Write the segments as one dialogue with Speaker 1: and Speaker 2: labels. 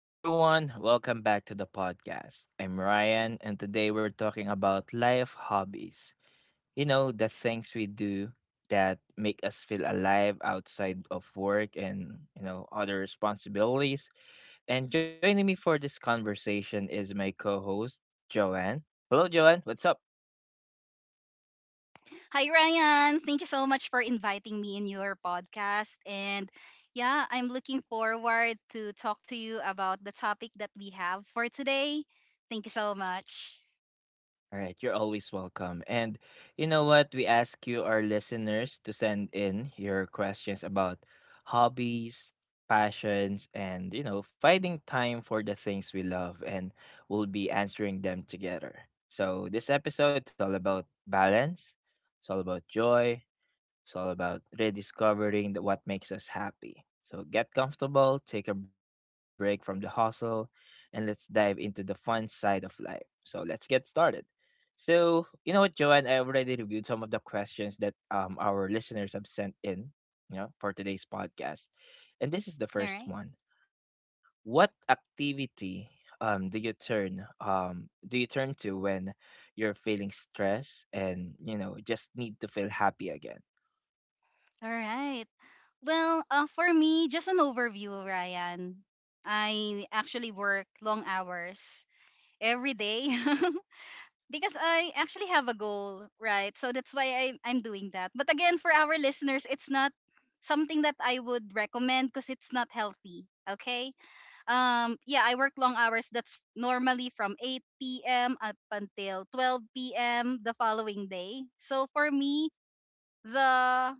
Speaker 1: Hey everyone, welcome back to the podcast. I'm Ryan, and today we're talking about life hobbies. The things we do that make us feel alive outside of work and other responsibilities. And joining me for this conversation is my co host, Joanne. Hello, Joanne. What's up?
Speaker 2: Hi, Ryan. Thank you so much for inviting me in your podcast. And yeah, I'm looking forward to talk to you about the topic that we have for today. Thank you so much.
Speaker 1: All right, you're always welcome. And you know what? We ask you, our listeners, to send in your questions about hobbies, passions, and finding time for the things we love, and we'll be answering them together. So, this episode, it's all about balance, it's all about joy, it's all about rediscovering what makes us happy. So get comfortable, take a break from the hustle, and let's dive into the fun side of life. So let's get started. So, you know what, Joanne, I already reviewed some of the questions that our listeners have sent in for today's podcast. And
Speaker 2: All
Speaker 1: this is
Speaker 2: right.
Speaker 1: the first one. What activity do you turn to when you're feeling stress, and just need to feel happy again?
Speaker 2: All right. Well, for me, just an overview, Ryan. I actually work long hours every day. Because I actually have a goal, right? So that's why I'm doing that. But again, for our listeners, it's not something that I would recommend because it's not healthy. Okay. Yeah, I work long hours. That's normally from 8 p.m. up until 12 p.m. the following day. So for me, the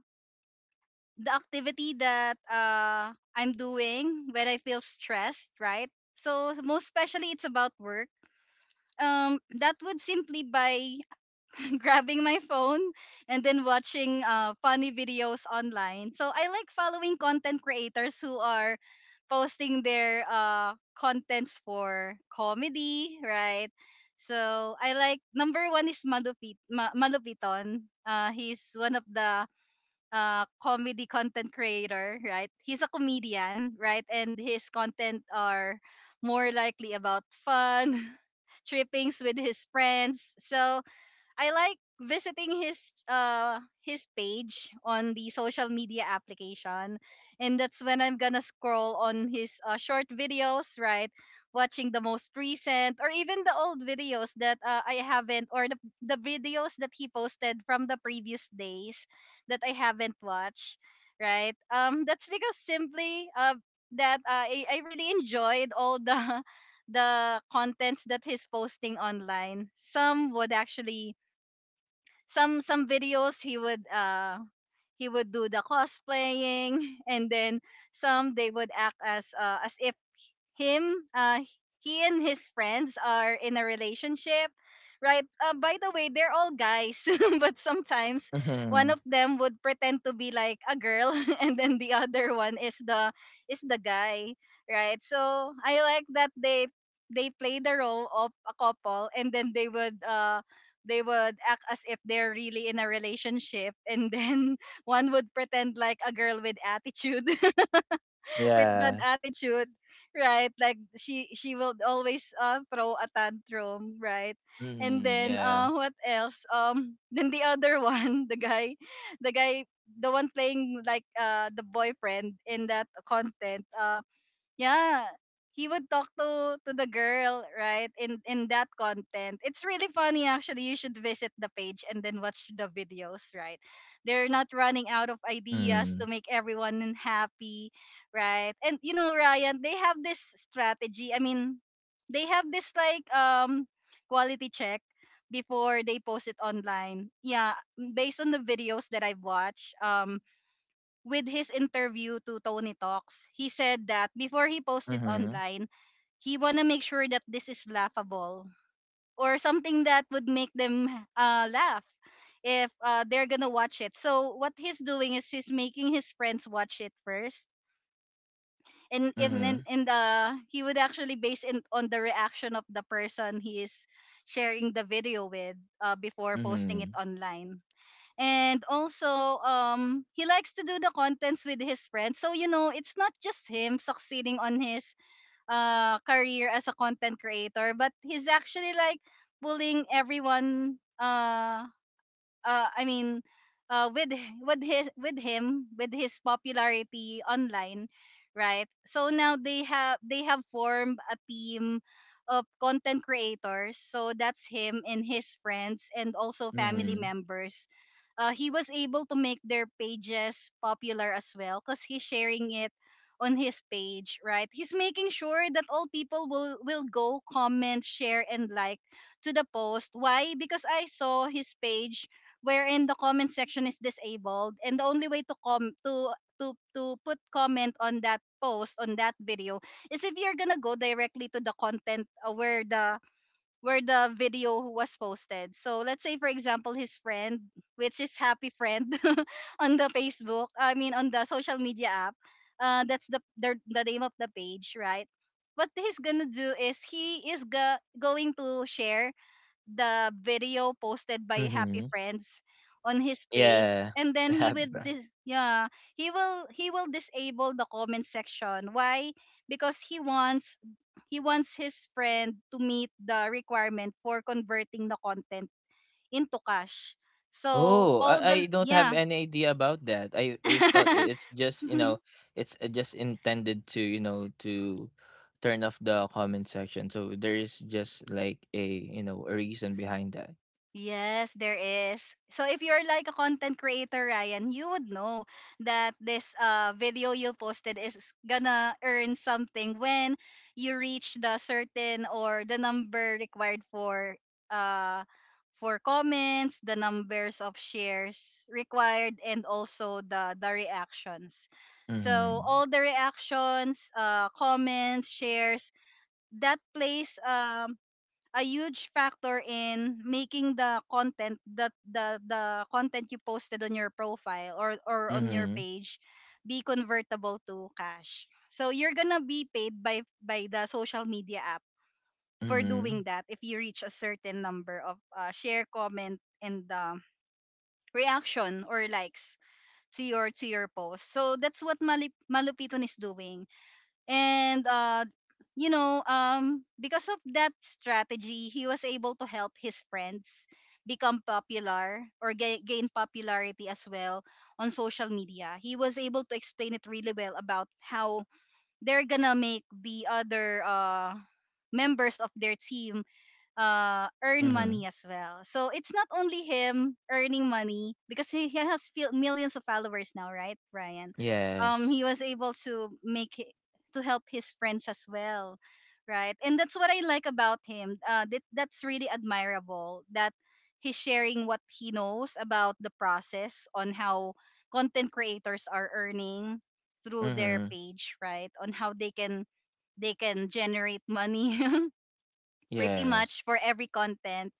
Speaker 2: the activity that I'm doing when I feel stressed, right? So most especially, it's about work that would simply by grabbing my phone and then watching funny videos online. So I like following content creators who are posting their contents for comedy, right? So I like number one is Malupiton. He's one of the comedy content creator, right? He's a comedian, right? And his content are more likely about fun, trippings with his friends. So I like visiting his page on the social media application, and that's when I'm gonna scroll on his short videos, right? Watching the most recent or even the old videos that I haven't, or the videos that he posted from the previous days that I haven't watched, right? That's because simply I really enjoyed all the the contents that he's posting online. Some some videos, he would do the cosplaying, and then some they would act as if him he and his friends are in a relationship, right? By the way, they're all guys. But sometimes one of
Speaker 1: Mhm.
Speaker 2: them would pretend to be like a girl and then the other one is the guy, right? So I like that they play the role of a couple, and then they would act as if they're really in a relationship, and then one would pretend like a girl with attitude. With bad
Speaker 1: Yeah.
Speaker 2: attitude, right? Like she will always throw a tantrum, right? And
Speaker 1: Mhm.
Speaker 2: then
Speaker 1: Yeah.
Speaker 2: what else? Then the other one, the guy, the guy the one playing like the boyfriend in that content, yeah, he would talk to the girl, right? in, that content, it's really funny. Actually, you should visit the page and then watch the videos, right? They're not
Speaker 1: Mm.
Speaker 2: running out of ideas to make everyone happy, right? And you know, Ryan, they have this strategy. They have this quality check before they post it online. Yeah, based on the videos that I've watched, with his interview to Tony Talks, he said that before he
Speaker 1: Mhm.
Speaker 2: posted online, he want to make sure that this is laughable or something that would make them laugh if they're gonna watch it. So what he's doing is he's making his friends watch it first, and
Speaker 1: Mhm.
Speaker 2: in the he would actually base it on the reaction of the person he is sharing the video with before posting it
Speaker 1: Mhm.
Speaker 2: online. And also, he likes to do the contents with his friends. So you know, it's not just him succeeding on his career as a content creator, but he's actually like pulling everyone I mean, with h- with his with him with his popularity online, right? So now they have formed a team of content creators. So that's him and his friends and also family
Speaker 1: Mhm.
Speaker 2: members. He was able to make their pages popular as well because he's sharing it on his page, right? He's making sure that all people will go comment, share, and like to the post. Why? Because I saw his page wherein the comment section is disabled, and the only way to put comment on that post on that video is if you're gonna go directly to the content, where the video was posted. So let's say for example his friend, which is happy friend on the Facebook, I mean on the social media app, that's the name of the page, right? What he's gonna do is he is going to share the video posted by Happy
Speaker 1: Mhm.
Speaker 2: Friends on his page,
Speaker 1: Yeah.
Speaker 2: and
Speaker 1: The
Speaker 2: then he
Speaker 1: happy
Speaker 2: will
Speaker 1: brand.
Speaker 2: yeah, he will disable the comment section. Why? Because he wants his friend to meet the requirement for converting the content into cash. So
Speaker 1: Oh,
Speaker 2: all
Speaker 1: I,
Speaker 2: the,
Speaker 1: I don't have
Speaker 2: yeah.
Speaker 1: any idea about that. I thought it's just, you know, it's just intended to turn off the comment section. So there is just like a reason behind that.
Speaker 2: Yes, there is. So if you're like a content creator, Ryan, you would know that this video you posted is gonna earn something when you reach the certain or the number required uh for comments, the numbers of shares required, and also the reactions. So
Speaker 1: Mhm.
Speaker 2: all the reactions, comments, shares, that plays a huge factor in making the content, that the content you posted on your profile or on your
Speaker 1: Mhm.
Speaker 2: page be convertible to cash. So you're gonna be paid by the social media app for
Speaker 1: Mhm.
Speaker 2: doing that if you reach a certain number of share, comment, and reaction or likes to your post. So that's what Malupiton is doing. And you know Because of that strategy, he was able to help his friends become popular or gain popularity as well on social media. He was able to explain it really well about how they're gonna make the other members of their team earn money
Speaker 1: Mhm.
Speaker 2: as well. So it's not only him earning money, because he has millions of followers now, right, Ryan?
Speaker 1: Yes.
Speaker 2: He was able to make it, to help his friends as well, right? And that's what I like about him. That's really admirable that he's sharing what he knows about the process on how content creators are earning through their
Speaker 1: Mhm.
Speaker 2: page, right? On how they can generate money, pretty
Speaker 1: Yes.
Speaker 2: much for every content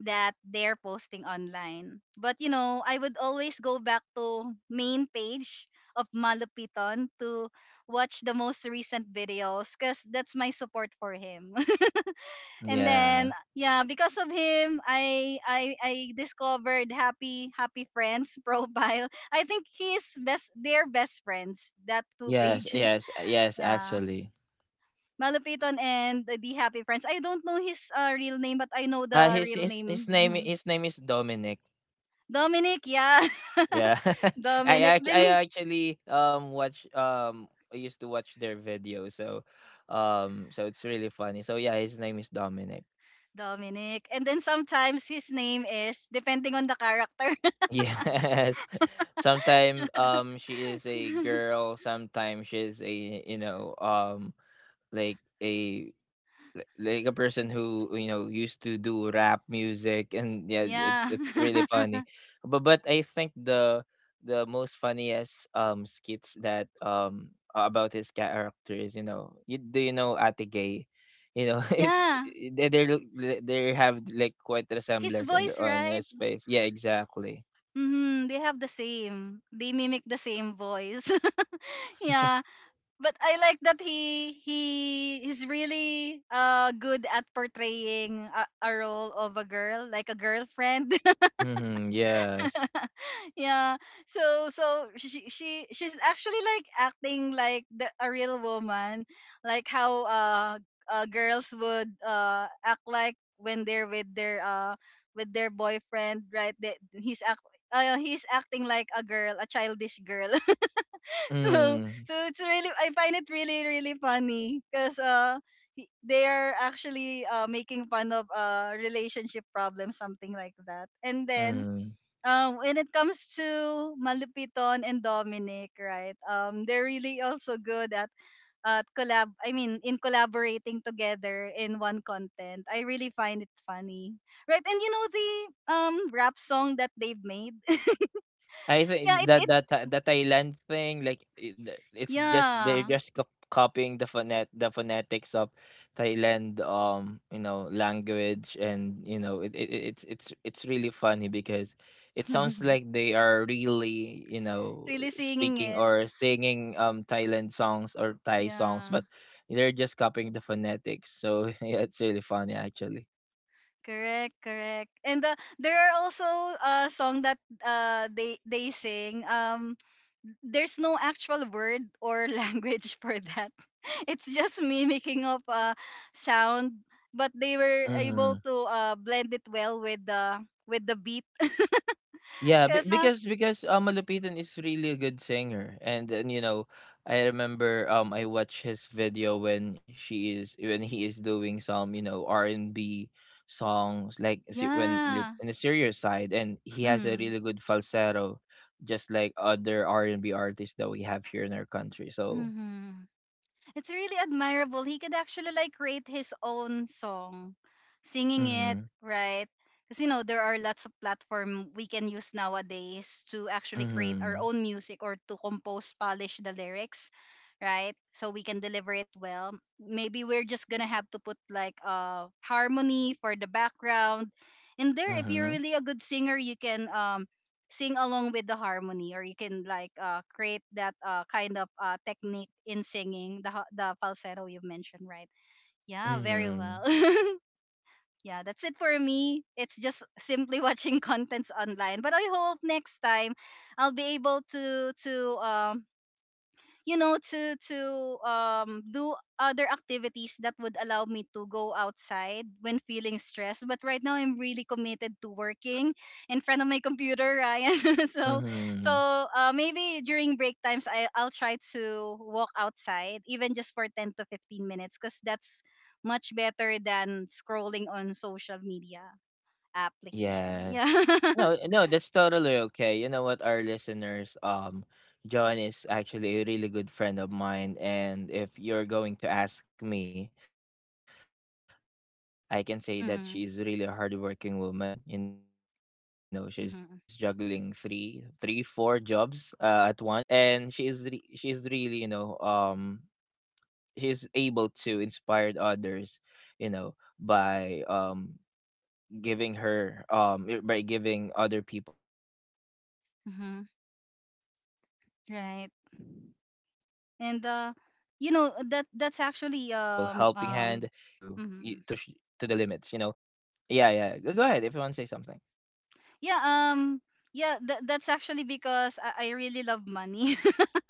Speaker 2: that they're posting online. But you know, I would always go back to main page of Malupiton to watch the most recent videos because that's my support for him. And
Speaker 1: Yeah.
Speaker 2: then yeah, because of him, I discovered Happy Friends profile. I think he's best their best friends that two
Speaker 1: Yes,
Speaker 2: pages.
Speaker 1: yes, yes,
Speaker 2: Yeah.
Speaker 1: actually.
Speaker 2: Malupiton and the Happy Friends. I don't know his real name, but I know the
Speaker 1: His
Speaker 2: real
Speaker 1: his his
Speaker 2: name.
Speaker 1: name
Speaker 2: Mhm.
Speaker 1: his name is Dominic.
Speaker 2: Dominic, yeah.
Speaker 1: Yeah. I
Speaker 2: Dominic.
Speaker 1: act
Speaker 2: Then
Speaker 1: I
Speaker 2: he-
Speaker 1: actually watch I used to watch their video. So it's really funny. So yeah, his name is Dominic.
Speaker 2: Dominic. And then sometimes his name is depending on the character.
Speaker 1: Yes. Sometimes she is a girl, sometimes she is a you know like a li- like a person who used to do rap music, and yeah, it's
Speaker 2: Yeah.
Speaker 1: it's really funny. But I think the most funniest skits about his character is, do you know Ate Gay? It's
Speaker 2: Yeah.
Speaker 1: they look they have like quite
Speaker 2: His
Speaker 1: resemblance in
Speaker 2: voice,
Speaker 1: their on
Speaker 2: right?
Speaker 1: his face, yeah, exactly.
Speaker 2: Hmm. They have the same. They mimic the same voice. Yeah. But I like that he is really good at portraying a role of a girl, like a girlfriend.
Speaker 1: Mm-hmm, yes.
Speaker 2: Yeah. So she's actually like acting like a real woman, like how girls would act like when they're with their boyfriend, right? They, he's act He's acting like a girl, a childish girl. So
Speaker 1: Mm-hmm.
Speaker 2: so it's really, I find it really really funny because they are actually making fun of relationship problems, something like that. And then
Speaker 1: Mm-hmm.
Speaker 2: when it comes to Malupiton and Dominic, right, they're really also good at collaborating together in one content. I really find it funny, right? And you know, the rap song that they've made.
Speaker 1: I
Speaker 2: Yeah,
Speaker 1: think
Speaker 2: it,
Speaker 1: that
Speaker 2: it
Speaker 1: that Thailand thing, like, I the it's just they're
Speaker 2: yeah.
Speaker 1: just copying the phonetics of Thailand, language, and, you know, it- it's really funny because it sounds like they are really
Speaker 2: Really singing
Speaker 1: speaking
Speaker 2: it.
Speaker 1: or singing, Thailand songs or Thai songs,
Speaker 2: Yeah,
Speaker 1: but they're just copying the phonetics. So, yeah, it's really funny, actually.
Speaker 2: correct, correct. And there are also song that they sing. There's no actual word or language for that. It's just mimicking of sound, but they were able
Speaker 1: Mhm.
Speaker 2: to blend it well with the beat.
Speaker 1: Yeah, be-
Speaker 2: Cause
Speaker 1: because because Malupitan is really a good singer, and I remember I watched his video when he is doing some R and B songs like when, like,
Speaker 2: Yeah.
Speaker 1: in the serious side, and he has a
Speaker 2: Mm-hmm.
Speaker 1: really good falsetto, just like other R and B artists that we have here in our country. So.
Speaker 2: Mm-hmm. It's really admirable. He could actually like create his own song, singing it,
Speaker 1: Mm-hmm,
Speaker 2: right? Because you know, there are lots of platform we can use nowadays to actually create our
Speaker 1: mm-hmm,
Speaker 2: own music, or to compose, polish the lyrics, right? So we can deliver it well. Maybe we're just gonna have to put like harmony for the background. And there, if
Speaker 1: mm-hmm,
Speaker 2: you're really a good singer, you can sing along with the harmony, or you can create that kind of technique in singing the falsetto you mentioned, right? Yeah,
Speaker 1: mm-hmm,
Speaker 2: very well. Yeah, that's it for me. It's just simply watching contents online, but I hope next time I'll be able to you know to do other activities that would allow me to go outside when feeling stressed. But right now I'm really committed to working in front of my computer, Ryan. so so
Speaker 1: mm-hmm.
Speaker 2: uh, maybe during break times, I'll try to walk outside even just for 10 to 15 minutes, because that's much better than scrolling on social media application. Yeah.
Speaker 1: Yes. No, no, that's totally okay. You know what, our listeners, John is actually a really good friend of mine, and if you're going to ask me, I can say that
Speaker 2: Mm-hmm,
Speaker 1: she's really a hardworking woman. She's juggling three,
Speaker 2: mm-hmm,
Speaker 1: three, four jobs at once, and she is re- she is really, she is able to inspire others, you know, by giving her I- by giving other people helping hand,
Speaker 2: mm-hmm.
Speaker 1: motivation, inspiration,
Speaker 2: Right.
Speaker 1: to y- to
Speaker 2: And
Speaker 1: push your to push to the
Speaker 2: that
Speaker 1: in
Speaker 2: that's
Speaker 1: order for you to
Speaker 2: actually
Speaker 1: push to the limits, and
Speaker 2: mhm.
Speaker 1: yeah, yeah, go ahead if you want to say something.
Speaker 2: yeah um yeah, that's actually because I really love money.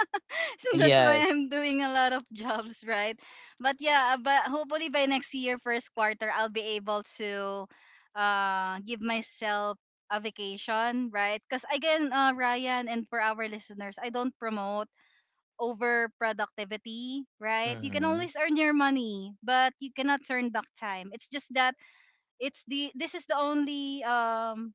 Speaker 2: So that's why I'm doing a lot of
Speaker 1: Yes.
Speaker 2: jobs, right? But but hopefully by next year first quarter, I'll be able to give myself a vacation, right? Because again, Ryan, and for our listeners, I don't promote over productivity, right? You can always earn your
Speaker 1: Mm-hmm.
Speaker 2: money, but you cannot turn back time. It's just that it's the this is the only um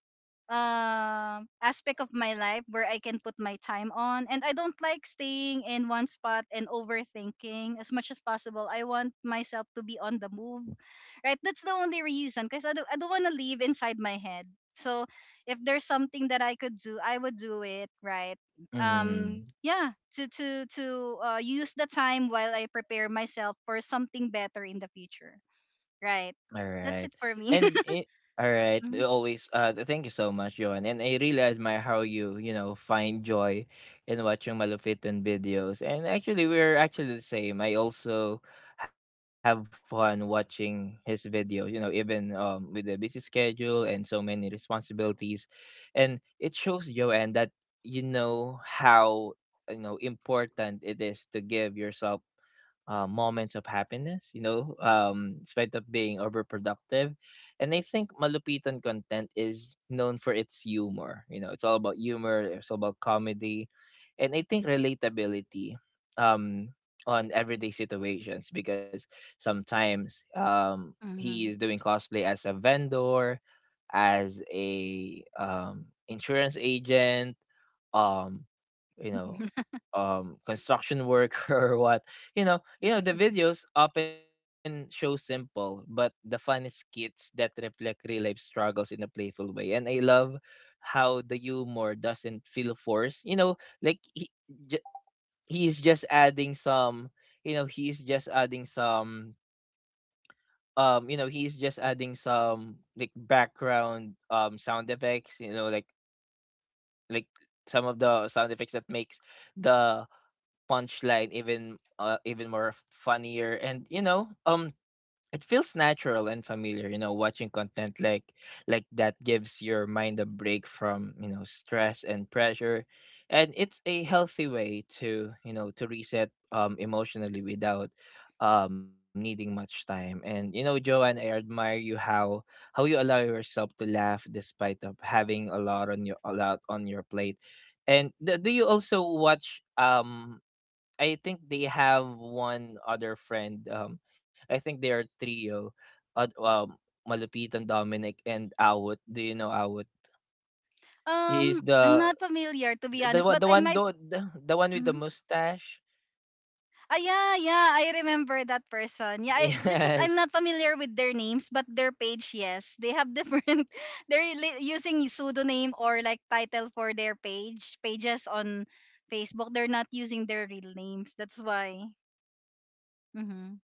Speaker 2: um aspect of my life where I can put my time on, and I don't like staying in one spot and overthinking as much as possible. I want myself to be on the move. Right? That's the only reason, because I don't want to live inside my head. So if there's something that I could do, I would do it, right?
Speaker 1: Mm-hmm.
Speaker 2: Yeah, to use the time while I prepare myself for something better in the future. Right.
Speaker 1: All
Speaker 2: That's it
Speaker 1: right.
Speaker 2: for me.
Speaker 1: And all right,
Speaker 2: Mhm,
Speaker 1: always thank you so much, Johan. And I really admire how you find joy in watching Malupiton videos. And actually we're actually the same. I also have fun watching his videos even with a busy schedule and so many responsibilities. And it shows Joanne that you know how important it is to give yourself moments of happiness, despite of being overproductive. And I think Malupitan content is known for its humor. It's all about humor, it's all about comedy. And I think relatability, um, on everyday situations, because sometimes he is
Speaker 2: mhm.
Speaker 1: doing cosplay as a vendor, as a insurance agent, um, you know, construction worker or what. The videos often show simple but the funniest skits that reflect real life struggles in a playful way, and I love how the humor doesn't feel forced. Like j- he is just adding some. He is just adding some. He is just adding some like background sound effects. Like some of the sound effects that makes the punchline even more funnier, and it feels natural and familiar. Watching content like that gives your mind a break from stress and pressure, and it's a healthy way to you know to reset emotionally without needing much time. And Joanne, I admire you how you allow yourself to laugh despite of having a lot on your plate. And do you also watch I think they have one other friend. I think they are trio. Uh, um, Malupitan, Dominic, and Awut. Do you know Awut? He's
Speaker 2: I'm not familiar, to be
Speaker 1: the
Speaker 2: honest,
Speaker 1: one
Speaker 2: but
Speaker 1: the
Speaker 2: I
Speaker 1: one
Speaker 2: might.
Speaker 1: the, the one with the
Speaker 2: Mhm.
Speaker 1: mustache.
Speaker 2: Ah, yeah, yeah, I remember that person. Yeah, it's just that I'm
Speaker 1: Yes.
Speaker 2: not familiar with their names, but their page, yes, they have different. Using pseudonym or like title for their pages on Facebook. They're not using their real names. That's why. Mm-hmm.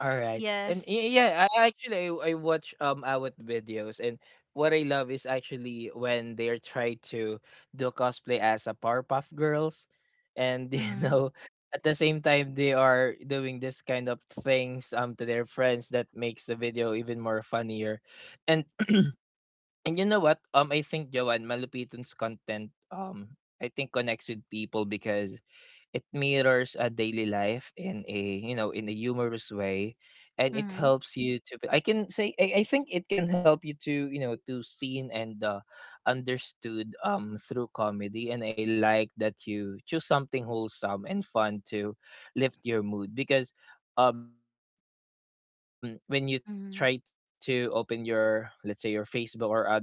Speaker 1: All right. And
Speaker 2: Yes.
Speaker 1: yeah, I actually I watch Awat videos, and what I love is actually when they're trying to do cosplay as a Powerpuff Girls, and
Speaker 2: Mm-hmm.
Speaker 1: at the same time they are doing this kind of things to their friends that makes the video even more funnier. And and you know what? I think Joanne Malupitan's content, I think connects with people because it mirrors a daily life in a you know in a humorous way, and it
Speaker 2: Mm-hmm.
Speaker 1: helps you to. I can say I think it can help you to seen and understood through comedy. And I like that you choose something wholesome and fun to lift your mood, because when you try to open your, let's say, your
Speaker 2: Mm-hmm.
Speaker 1: Facebook or other social media platform, like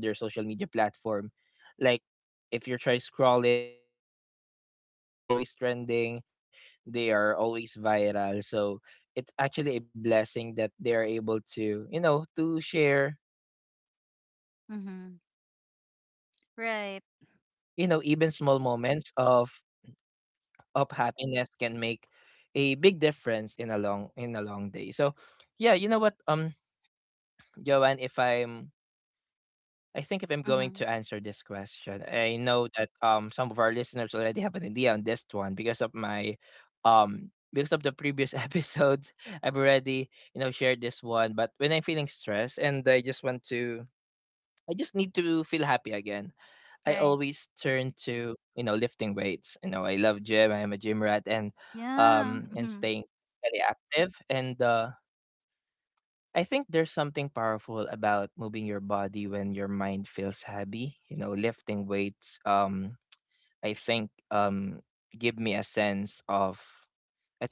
Speaker 1: if you try scrolling, you can see their videos, and like they are trending, they're always trending, they are always viral. So it's actually a blessing that they are able to share happiness to
Speaker 2: Mm-hmm.
Speaker 1: other people. And,
Speaker 2: Right.
Speaker 1: you know, even small moments of happiness can make a big difference in a long day. So yeah, you know what, Joanne, if I'm I think if I'm going to
Speaker 2: Mm-hmm.
Speaker 1: answer this question, I know that some of our listeners already have an idea on this one because of the previous episodes. I've already shared this one. But when I'm feeling stressed, and I just need to feel happy again. I
Speaker 2: Right.
Speaker 1: always turn to lifting weights. I love gym, I am a gym rat, and
Speaker 2: Yeah. Mm-hmm.
Speaker 1: staying very active, and I think there's something powerful about moving your body when your mind feels heavy. Lifting weights. I think give me a sense of.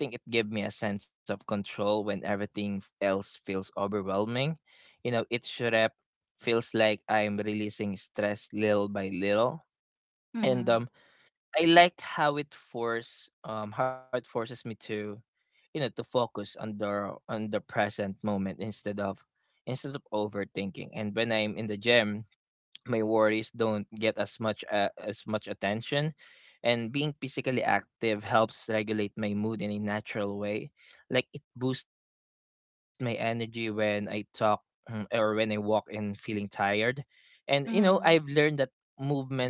Speaker 1: I think it gave me a sense of control when everything else feels overwhelming. Each rep feels like I'm releasing stress little by little, and
Speaker 2: Mm-hmm.
Speaker 1: I like how it forces me to you know to focus on the present moment, instead of overthinking. And when I'm in the gym, my worries don't get as much attention, and being physically active helps regulate my mood in a natural way, like it boosts my energy when I talk, or when I walk and feeling tired. And I've learned that
Speaker 2: Mm-hmm.
Speaker 1: movement is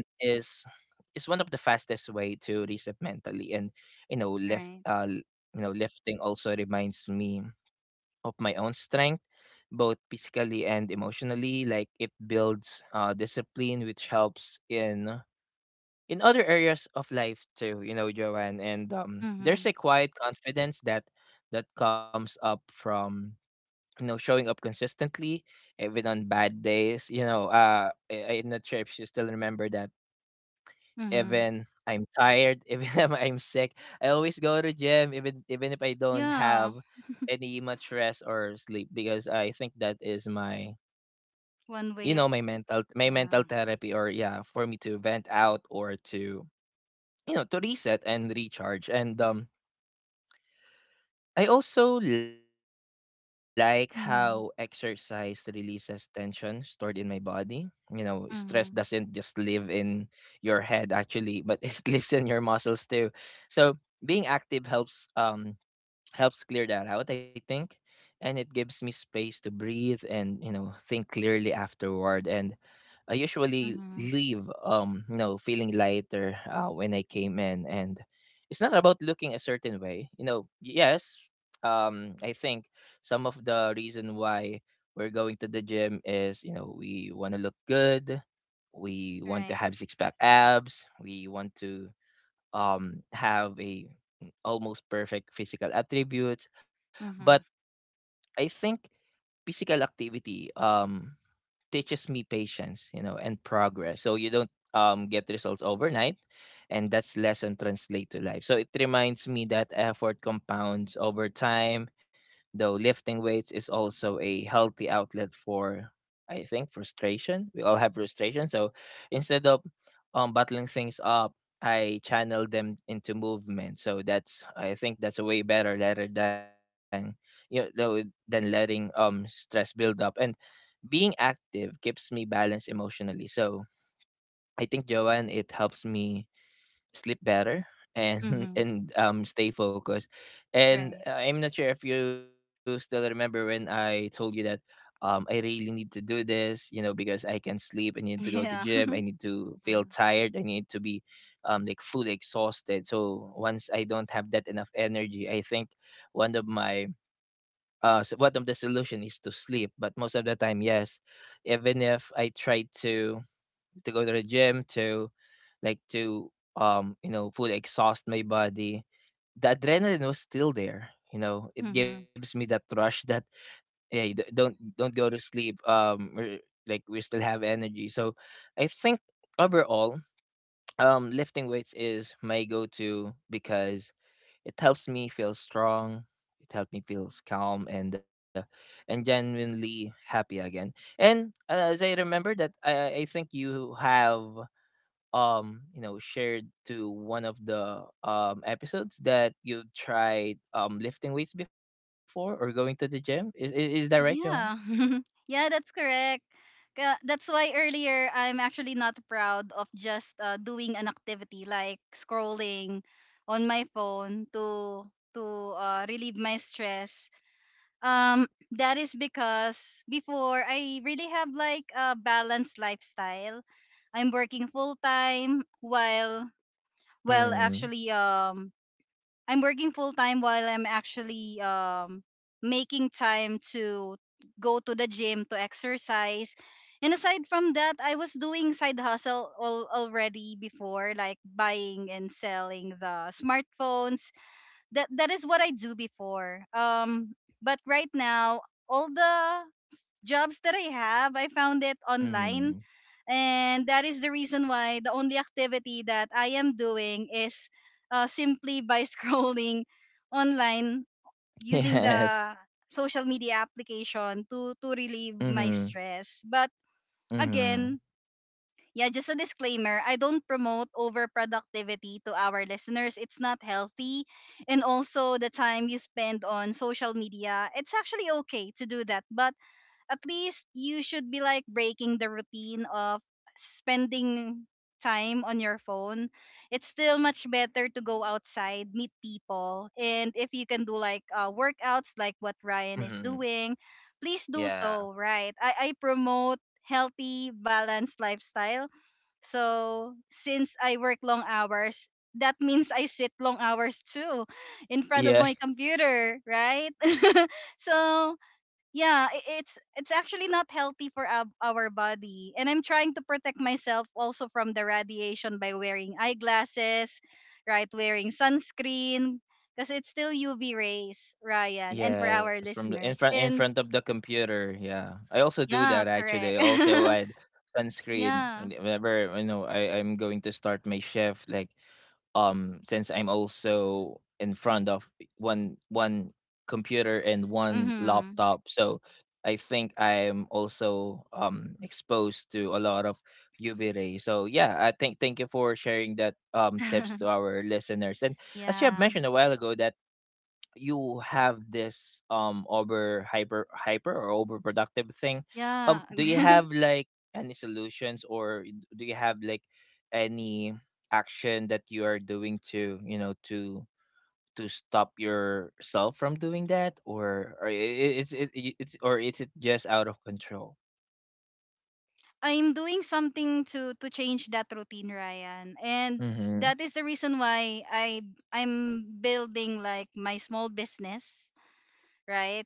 Speaker 1: is one of the fastest way to reset mentally, and you know lift uh
Speaker 2: Right.
Speaker 1: l- lifting also reminds me of my own strength, both physically and emotionally. Like it builds discipline, which helps in other areas of life too. Joanne, and
Speaker 2: Mm-hmm.
Speaker 1: there's a quiet confidence that comes up from showing up consistently even on bad days. I'm not sure if you still remember that,
Speaker 2: Mm-hmm.
Speaker 1: even I'm tired, even if I'm sick. I always go to gym even if I don't
Speaker 2: Yeah.
Speaker 1: have any much rest or sleep because I think that is my
Speaker 2: One way of
Speaker 1: my mental
Speaker 2: yeah.
Speaker 1: therapy or yeah, for me to vent out or to to reset and recharge. And I also like how exercise
Speaker 2: Mm-hmm.
Speaker 1: releases tension stored in my body. You know, stress doesn't just live
Speaker 2: Mm-hmm.
Speaker 1: in your head actually, but it lives in your muscles too. So being active helps clear that out, I think. And it gives me space to breathe and, you know, think clearly afterward. And I usually leave,
Speaker 2: Mm-hmm.
Speaker 1: um, you know, feeling lighter when I came in. And it's not about looking a certain way. Yes, I think some of the reason why we're going to the gym is, you know, we want to look good. We want to
Speaker 2: Right.
Speaker 1: have six pack abs. We want to have a almost perfect physical attributes. But
Speaker 2: Mm-hmm.
Speaker 1: I think physical activity teaches me patience, you know, and progress. So you don't get results overnight, and that's lesson translate to life. So it reminds me that effort compounds over time. Though lifting weights is also a healthy outlet for, I think, frustration. We all have frustration. So instead of bottling things up, I channel them into movement. So that's, I think that's a way better rather than, you know, than letting stress build up. And being active keeps me balanced emotionally. So I think, Joanne, it helps me sleep better and
Speaker 2: Mm-hmm.
Speaker 1: and stay focused. And
Speaker 2: Right.
Speaker 1: I'm not sure if you still remember when I told you that I really need to do this, you know, because I can sleep, I need to go to gym,
Speaker 2: Yeah.
Speaker 1: I need to feel tired, I need to be like fully exhausted. So once I don't have that enough energy, I think one of my one of the solution is to sleep. But most of the time, yes, even if I try to go to the gym to like to you know, fully exhaust my body, the adrenaline was still there, you know, it
Speaker 2: Mm-hmm.
Speaker 1: gives me that rush that hey, don't go to sleep, like, we still have energy. So I think overall, lifting weights is my go-to because it helps me feel strong, it helps me feel calm and and genuinely happy again. And as I remember that, I think you have shared to one of the episodes that you tried lifting weights before, or going to the gym, is that right, Joanne?
Speaker 2: Yeah. Yeah, that's correct. That's why earlier I'm actually not proud of just doing an activity like scrolling on my phone to relieve my stress. That is because before I really have like a balanced lifestyle. I'm working full time while well
Speaker 1: Mm.
Speaker 2: actually I'm working full time while I'm actually making time to go to the gym to exercise. And aside from that, I was doing side hustle already before, like buying and selling the smartphones. That is what I do before. But right now, all the jobs that I have, I found it online,
Speaker 1: Mm.
Speaker 2: and that is the reason why the only activity that I am doing is simply by scrolling online using
Speaker 1: Yes.
Speaker 2: the social media application to relieve my
Speaker 1: Mm.
Speaker 2: stress. But
Speaker 1: Mm.
Speaker 2: again, yeah, just a disclaimer, I don't promote overproductivity to our listeners. It's not healthy. And also, the time you spend on social media, it's actually okay to do that. But at least you should be like breaking the routine of spending time on your phone. It's still much better to go outside, meet people. And if you can do like workouts, like what Ryan is
Speaker 1: Hmm.
Speaker 2: doing, please do
Speaker 1: Yeah.
Speaker 2: so, right? I promote healthy, balanced lifestyle. So since I work long hours, that means I sit long hours too in front of
Speaker 1: Yeah.
Speaker 2: my computer, right? So yeah, it's actually not healthy for our body. And I'm trying to protect myself also from the radiation by wearing eyeglasses, right? Wearing sunscreen, because it's still UV rays, Ryan, and for
Speaker 1: Yes,
Speaker 2: our
Speaker 1: from the in front, in
Speaker 2: listeners.
Speaker 1: front
Speaker 2: And
Speaker 1: of the computer. Yeah, I also do that,
Speaker 2: yeah,
Speaker 1: actually. I
Speaker 2: correct.
Speaker 1: also add sunscreen
Speaker 2: Yeah.
Speaker 1: whenever you know, I'm going to start my shift, like, since I'm also in front of one computer and one
Speaker 2: Mhm.
Speaker 1: laptop, so I think I'm also exposed to a lot of UV rays. So yeah, I think, thank you for sharing that tips to our listeners. And as you have
Speaker 2: Yeah.
Speaker 1: mentioned a while ago that you have this over hyper hyper or overproductive thing,
Speaker 2: Yeah.
Speaker 1: do you have like any solutions, do you have like any action that you are doing to, you know, to stop yourself from doing that? Or or i- i- it's it, i- it's or is it just out of control?
Speaker 2: I'm doing something to change that routine, Ryan. And
Speaker 1: Mhm.
Speaker 2: that is the reason why I'm building like my small business, right?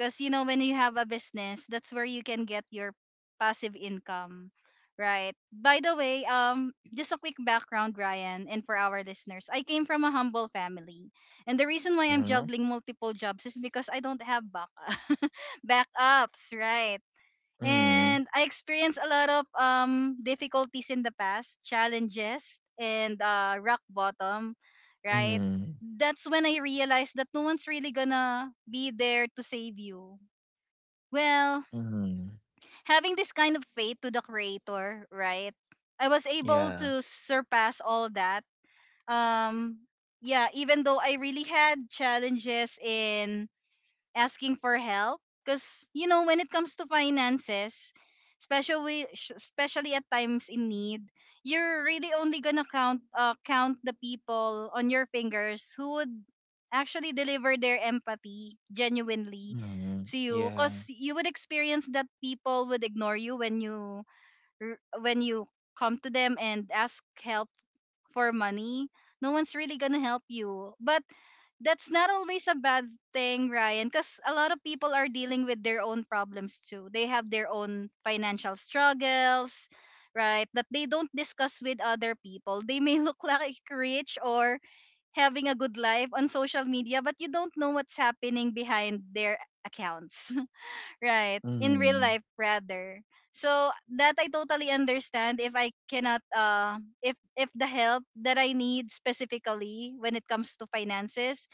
Speaker 2: Cuz you know, when you have a business, that's where you can get your passive income, right? By the way, just a quick background, Ryan, and for our listeners, I came from a humble family. And the reason why I'm
Speaker 1: Mhm.
Speaker 2: juggling multiple jobs is because I don't have backup backups, right?
Speaker 1: Mhm.
Speaker 2: And I experienced a lot of difficulties in the past, challenges and rock bottom, right?
Speaker 1: Mhm.
Speaker 2: That's when I realized that no one's really gonna be there to save you. Well,
Speaker 1: Mhm.
Speaker 2: having this kind of faith to the creator, right, I was able
Speaker 1: Yeah.
Speaker 2: to surpass all that. Um yeah, even though I really had challenges in asking for help, because you know, when it comes to finances, especially at times in need, you're really only gonna count the people on your fingers who would actually deliver their empathy genuinely
Speaker 1: Mhm.
Speaker 2: to you.
Speaker 1: Yeah.
Speaker 2: Because you would experience that people would ignore you when when you come to them and ask help for money. No one's really gonna help you. But that's not always a bad thing, Ryan, because a lot of people are dealing with their own problems too. They have their own financial struggles, right, that they don't discuss with other people. They may look like rich or having a good life on social media, but you don't know what's happening behind their accounts, right? In real
Speaker 1: Mhm.
Speaker 2: life, rather. So that I totally understand if I cannot if if the help that I need specifically when it comes to finances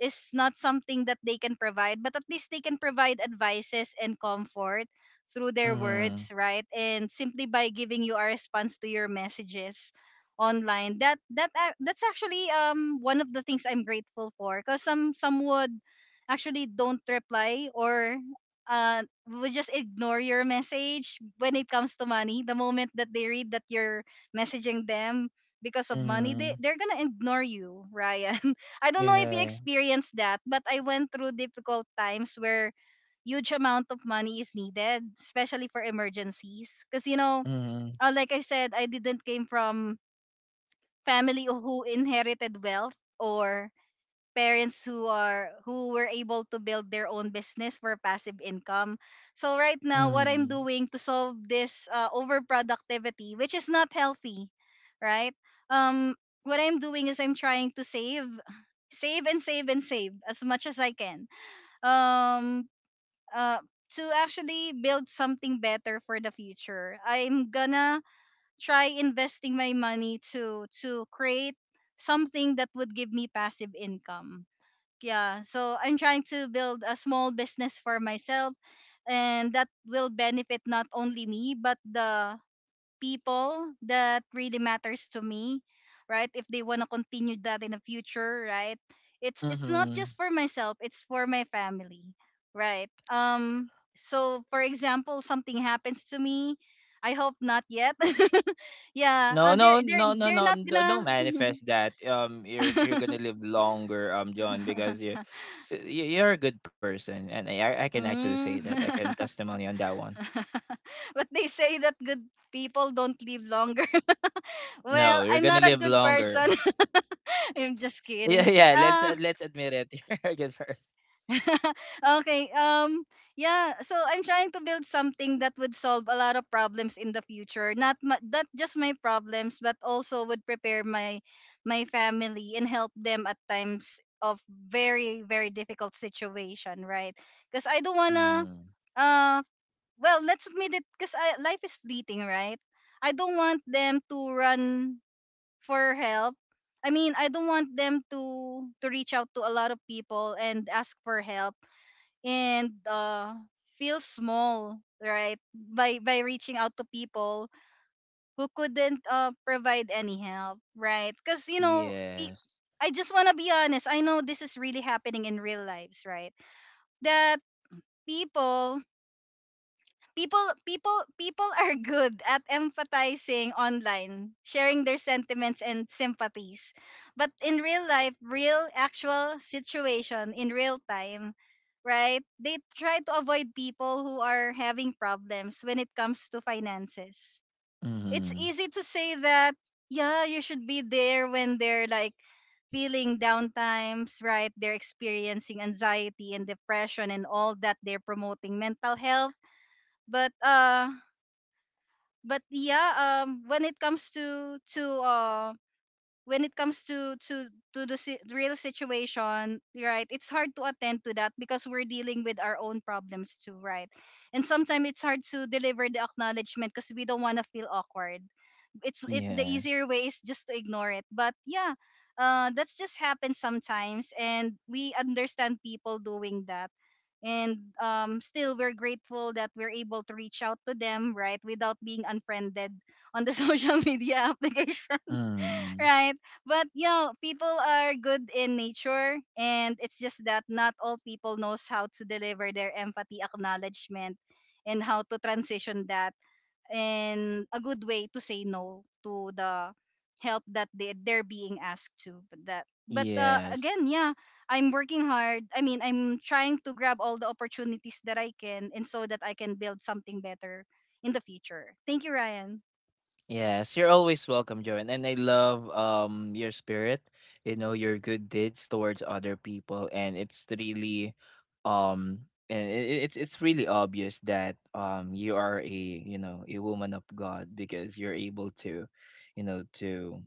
Speaker 2: is not something that they can provide, but at least they can provide advices and comfort through their
Speaker 1: Mhm.
Speaker 2: words, right? And simply by giving you a response to your messages online. That's actually one of the things I'm grateful for, because some would actually don't reply, or uh, would just ignore your message when it comes to money. The moment that they read that you're messaging them because of money,
Speaker 1: Mhm.
Speaker 2: they're gonna ignore you, Ryan. I don't know if you
Speaker 1: Yeah.
Speaker 2: experienced that, but I went through difficult times where huge amount of money is needed, especially for emergencies. Because you know,
Speaker 1: Mhm,
Speaker 2: like I said, I didn't came from family who inherited wealth, or parents who were able to build their own business for passive income. So right now, what I'm
Speaker 1: mhm,
Speaker 2: doing to solve this overproductivity, which is not healthy, right? Um what I'm doing is I'm trying to save as much as I can. Um uh to actually build something better for the future. I'm gonna try investing my money to create something that would give me passive income. Yeah, so I'm trying to build a small business for myself, and that will benefit not only me but the people that really matters to me, right? If they want to continue that in the future, right, it's not
Speaker 1: mhm.
Speaker 2: just for myself, it's for my family, right? So for example, something happens to me, I hope not yet. Yeah,
Speaker 1: No, no, no, no,
Speaker 2: they're
Speaker 1: no,
Speaker 2: not
Speaker 1: n
Speaker 2: gonna
Speaker 1: don't manifest that. You're gonna live longer, John, because you you're a good person, and I can actually say
Speaker 2: mm.
Speaker 1: that, I can testimony on that one.
Speaker 2: But they say that good people don't live longer. Well,
Speaker 1: No, you're
Speaker 2: I'm
Speaker 1: gonna
Speaker 2: not a
Speaker 1: live
Speaker 2: good person.
Speaker 1: longer.
Speaker 2: I'm just
Speaker 1: Yeah,
Speaker 2: kidding.
Speaker 1: yeah,
Speaker 2: Ah.
Speaker 1: let's admit it, you're a good person.
Speaker 2: Okay. Yeah, so I'm trying to build something that would solve a lot of problems in the future. Not just my problems, but also would prepare my family and help them at times of very, very difficult situation, right? Because I don't want to
Speaker 1: Mhm,
Speaker 2: uh well, let's admit it, because life is fleeting, right? I don't want them to run for help. I mean, I don't want them to reach out to a lot of people and ask for help, and feel small, right? By reaching out to people who couldn't provide any help, right? Because you know,
Speaker 1: yes,
Speaker 2: I just wanna be honest. I know this is really happening in real lives, right? That people people are good at empathizing online, sharing their sentiments and sympathies. But in real life, real actual situation in real time, right, they try to avoid people who are having problems when it comes to finances. It's
Speaker 1: mhm,
Speaker 2: easy to say that, yeah, you should be there when they're like feeling down times, right? They're experiencing anxiety and depression and all that. They're promoting mental health, but yeah, um when it comes to to uh when it comes to real situation, right, it's hard to attend to that, because we're dealing with our own problems too, right? And sometimes it's hard to deliver the acknowledgement because we don't want to feel awkward. It's it The
Speaker 1: yes,
Speaker 2: easier way is just to ignore it, but yeah, that's just happens sometimes, and we understand people doing that. And still we're grateful that we're able to reach out to them, right, without being unfriended on the social media application,
Speaker 1: mm,
Speaker 2: right? But you know, people are good in nature, and it's just that not all people knows how to deliver their empathy acknowledgement and how to transition that in a good way, to say no to the help that they're being asked to. But
Speaker 1: yes.
Speaker 2: again, yeah, I'm working hard. I mean, I'm trying to grab all the opportunities that I can, and so that I can build something better in the future. Thank you, Ryan.
Speaker 1: Yes, you're always welcome, Joanne. And I love your spirit, you know, your good deeds towards other people. And it's really um and it's really obvious that you are a, you know, a woman of God, because you're able to, you know, to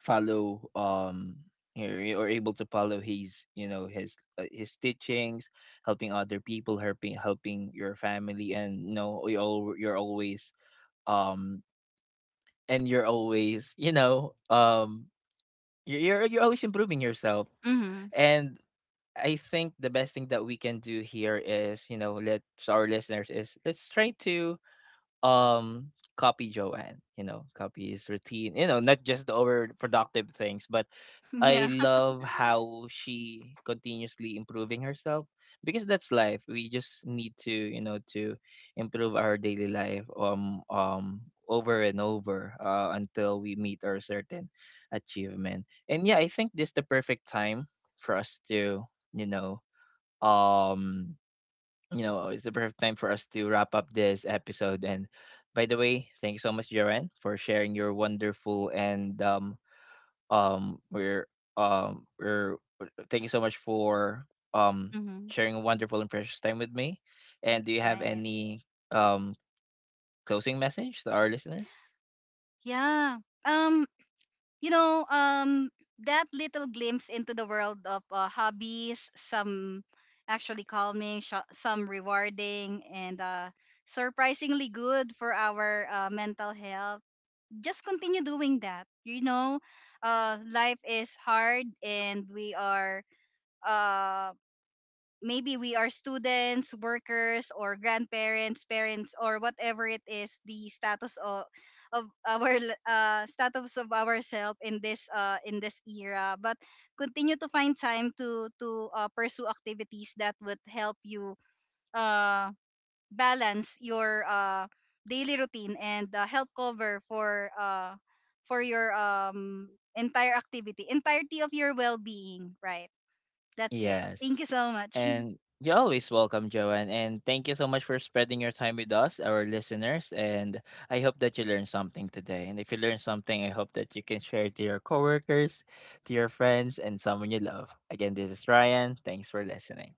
Speaker 1: follow you're able to follow his, you know, his teachings, helping other people, helping your family, and you know, you're always um and you're always, you know, you're always improving yourself.
Speaker 2: Hmm.
Speaker 1: And I think the best thing that we can do here is, you know, let to our listeners, is let's try to um copy Joanne, you know, copy his routine, you know, not just the overproductive things. But I
Speaker 2: Yeah.
Speaker 1: love how she continuously improving herself, because that's life. We just need to, you know, to improve our daily life over and over, until we meet our certain achievement. And yeah, I think this the perfect time for us to, you know, um you know, it's the perfect time for us to wrap up this episode. And by the way, thank you so much, Jaren, for sharing your wonderful and um we're we're thank you so much for um
Speaker 2: Hmm.
Speaker 1: sharing a wonderful and precious time with me. And do you have
Speaker 2: Right.
Speaker 1: any um closing message to our listeners?
Speaker 2: Yeah. Um, you know, that little glimpse into the world of hobbies, some actually calming, some rewarding, and surprisingly good for our mental health. Just continue doing that. You know, life is hard, and we are. uh, Maybe we are students, workers, or grandparents, parents, or whatever it is, the status of status of ourselves in this era. But continue to find time to pursue activities that would help you uh, balance your daily routine and help cover for your entire activity, entirety of your well-being. Right. That's it.
Speaker 1: Yes.
Speaker 2: Thank you so much.
Speaker 1: And you're always welcome, Joanne. And thank you so much for spending your time with us, our listeners. And I hope that you learned something today. And if you learned something, I hope that you can share it to your coworkers, to your friends, and someone you love. Again, this is Ryan. Thanks for listening.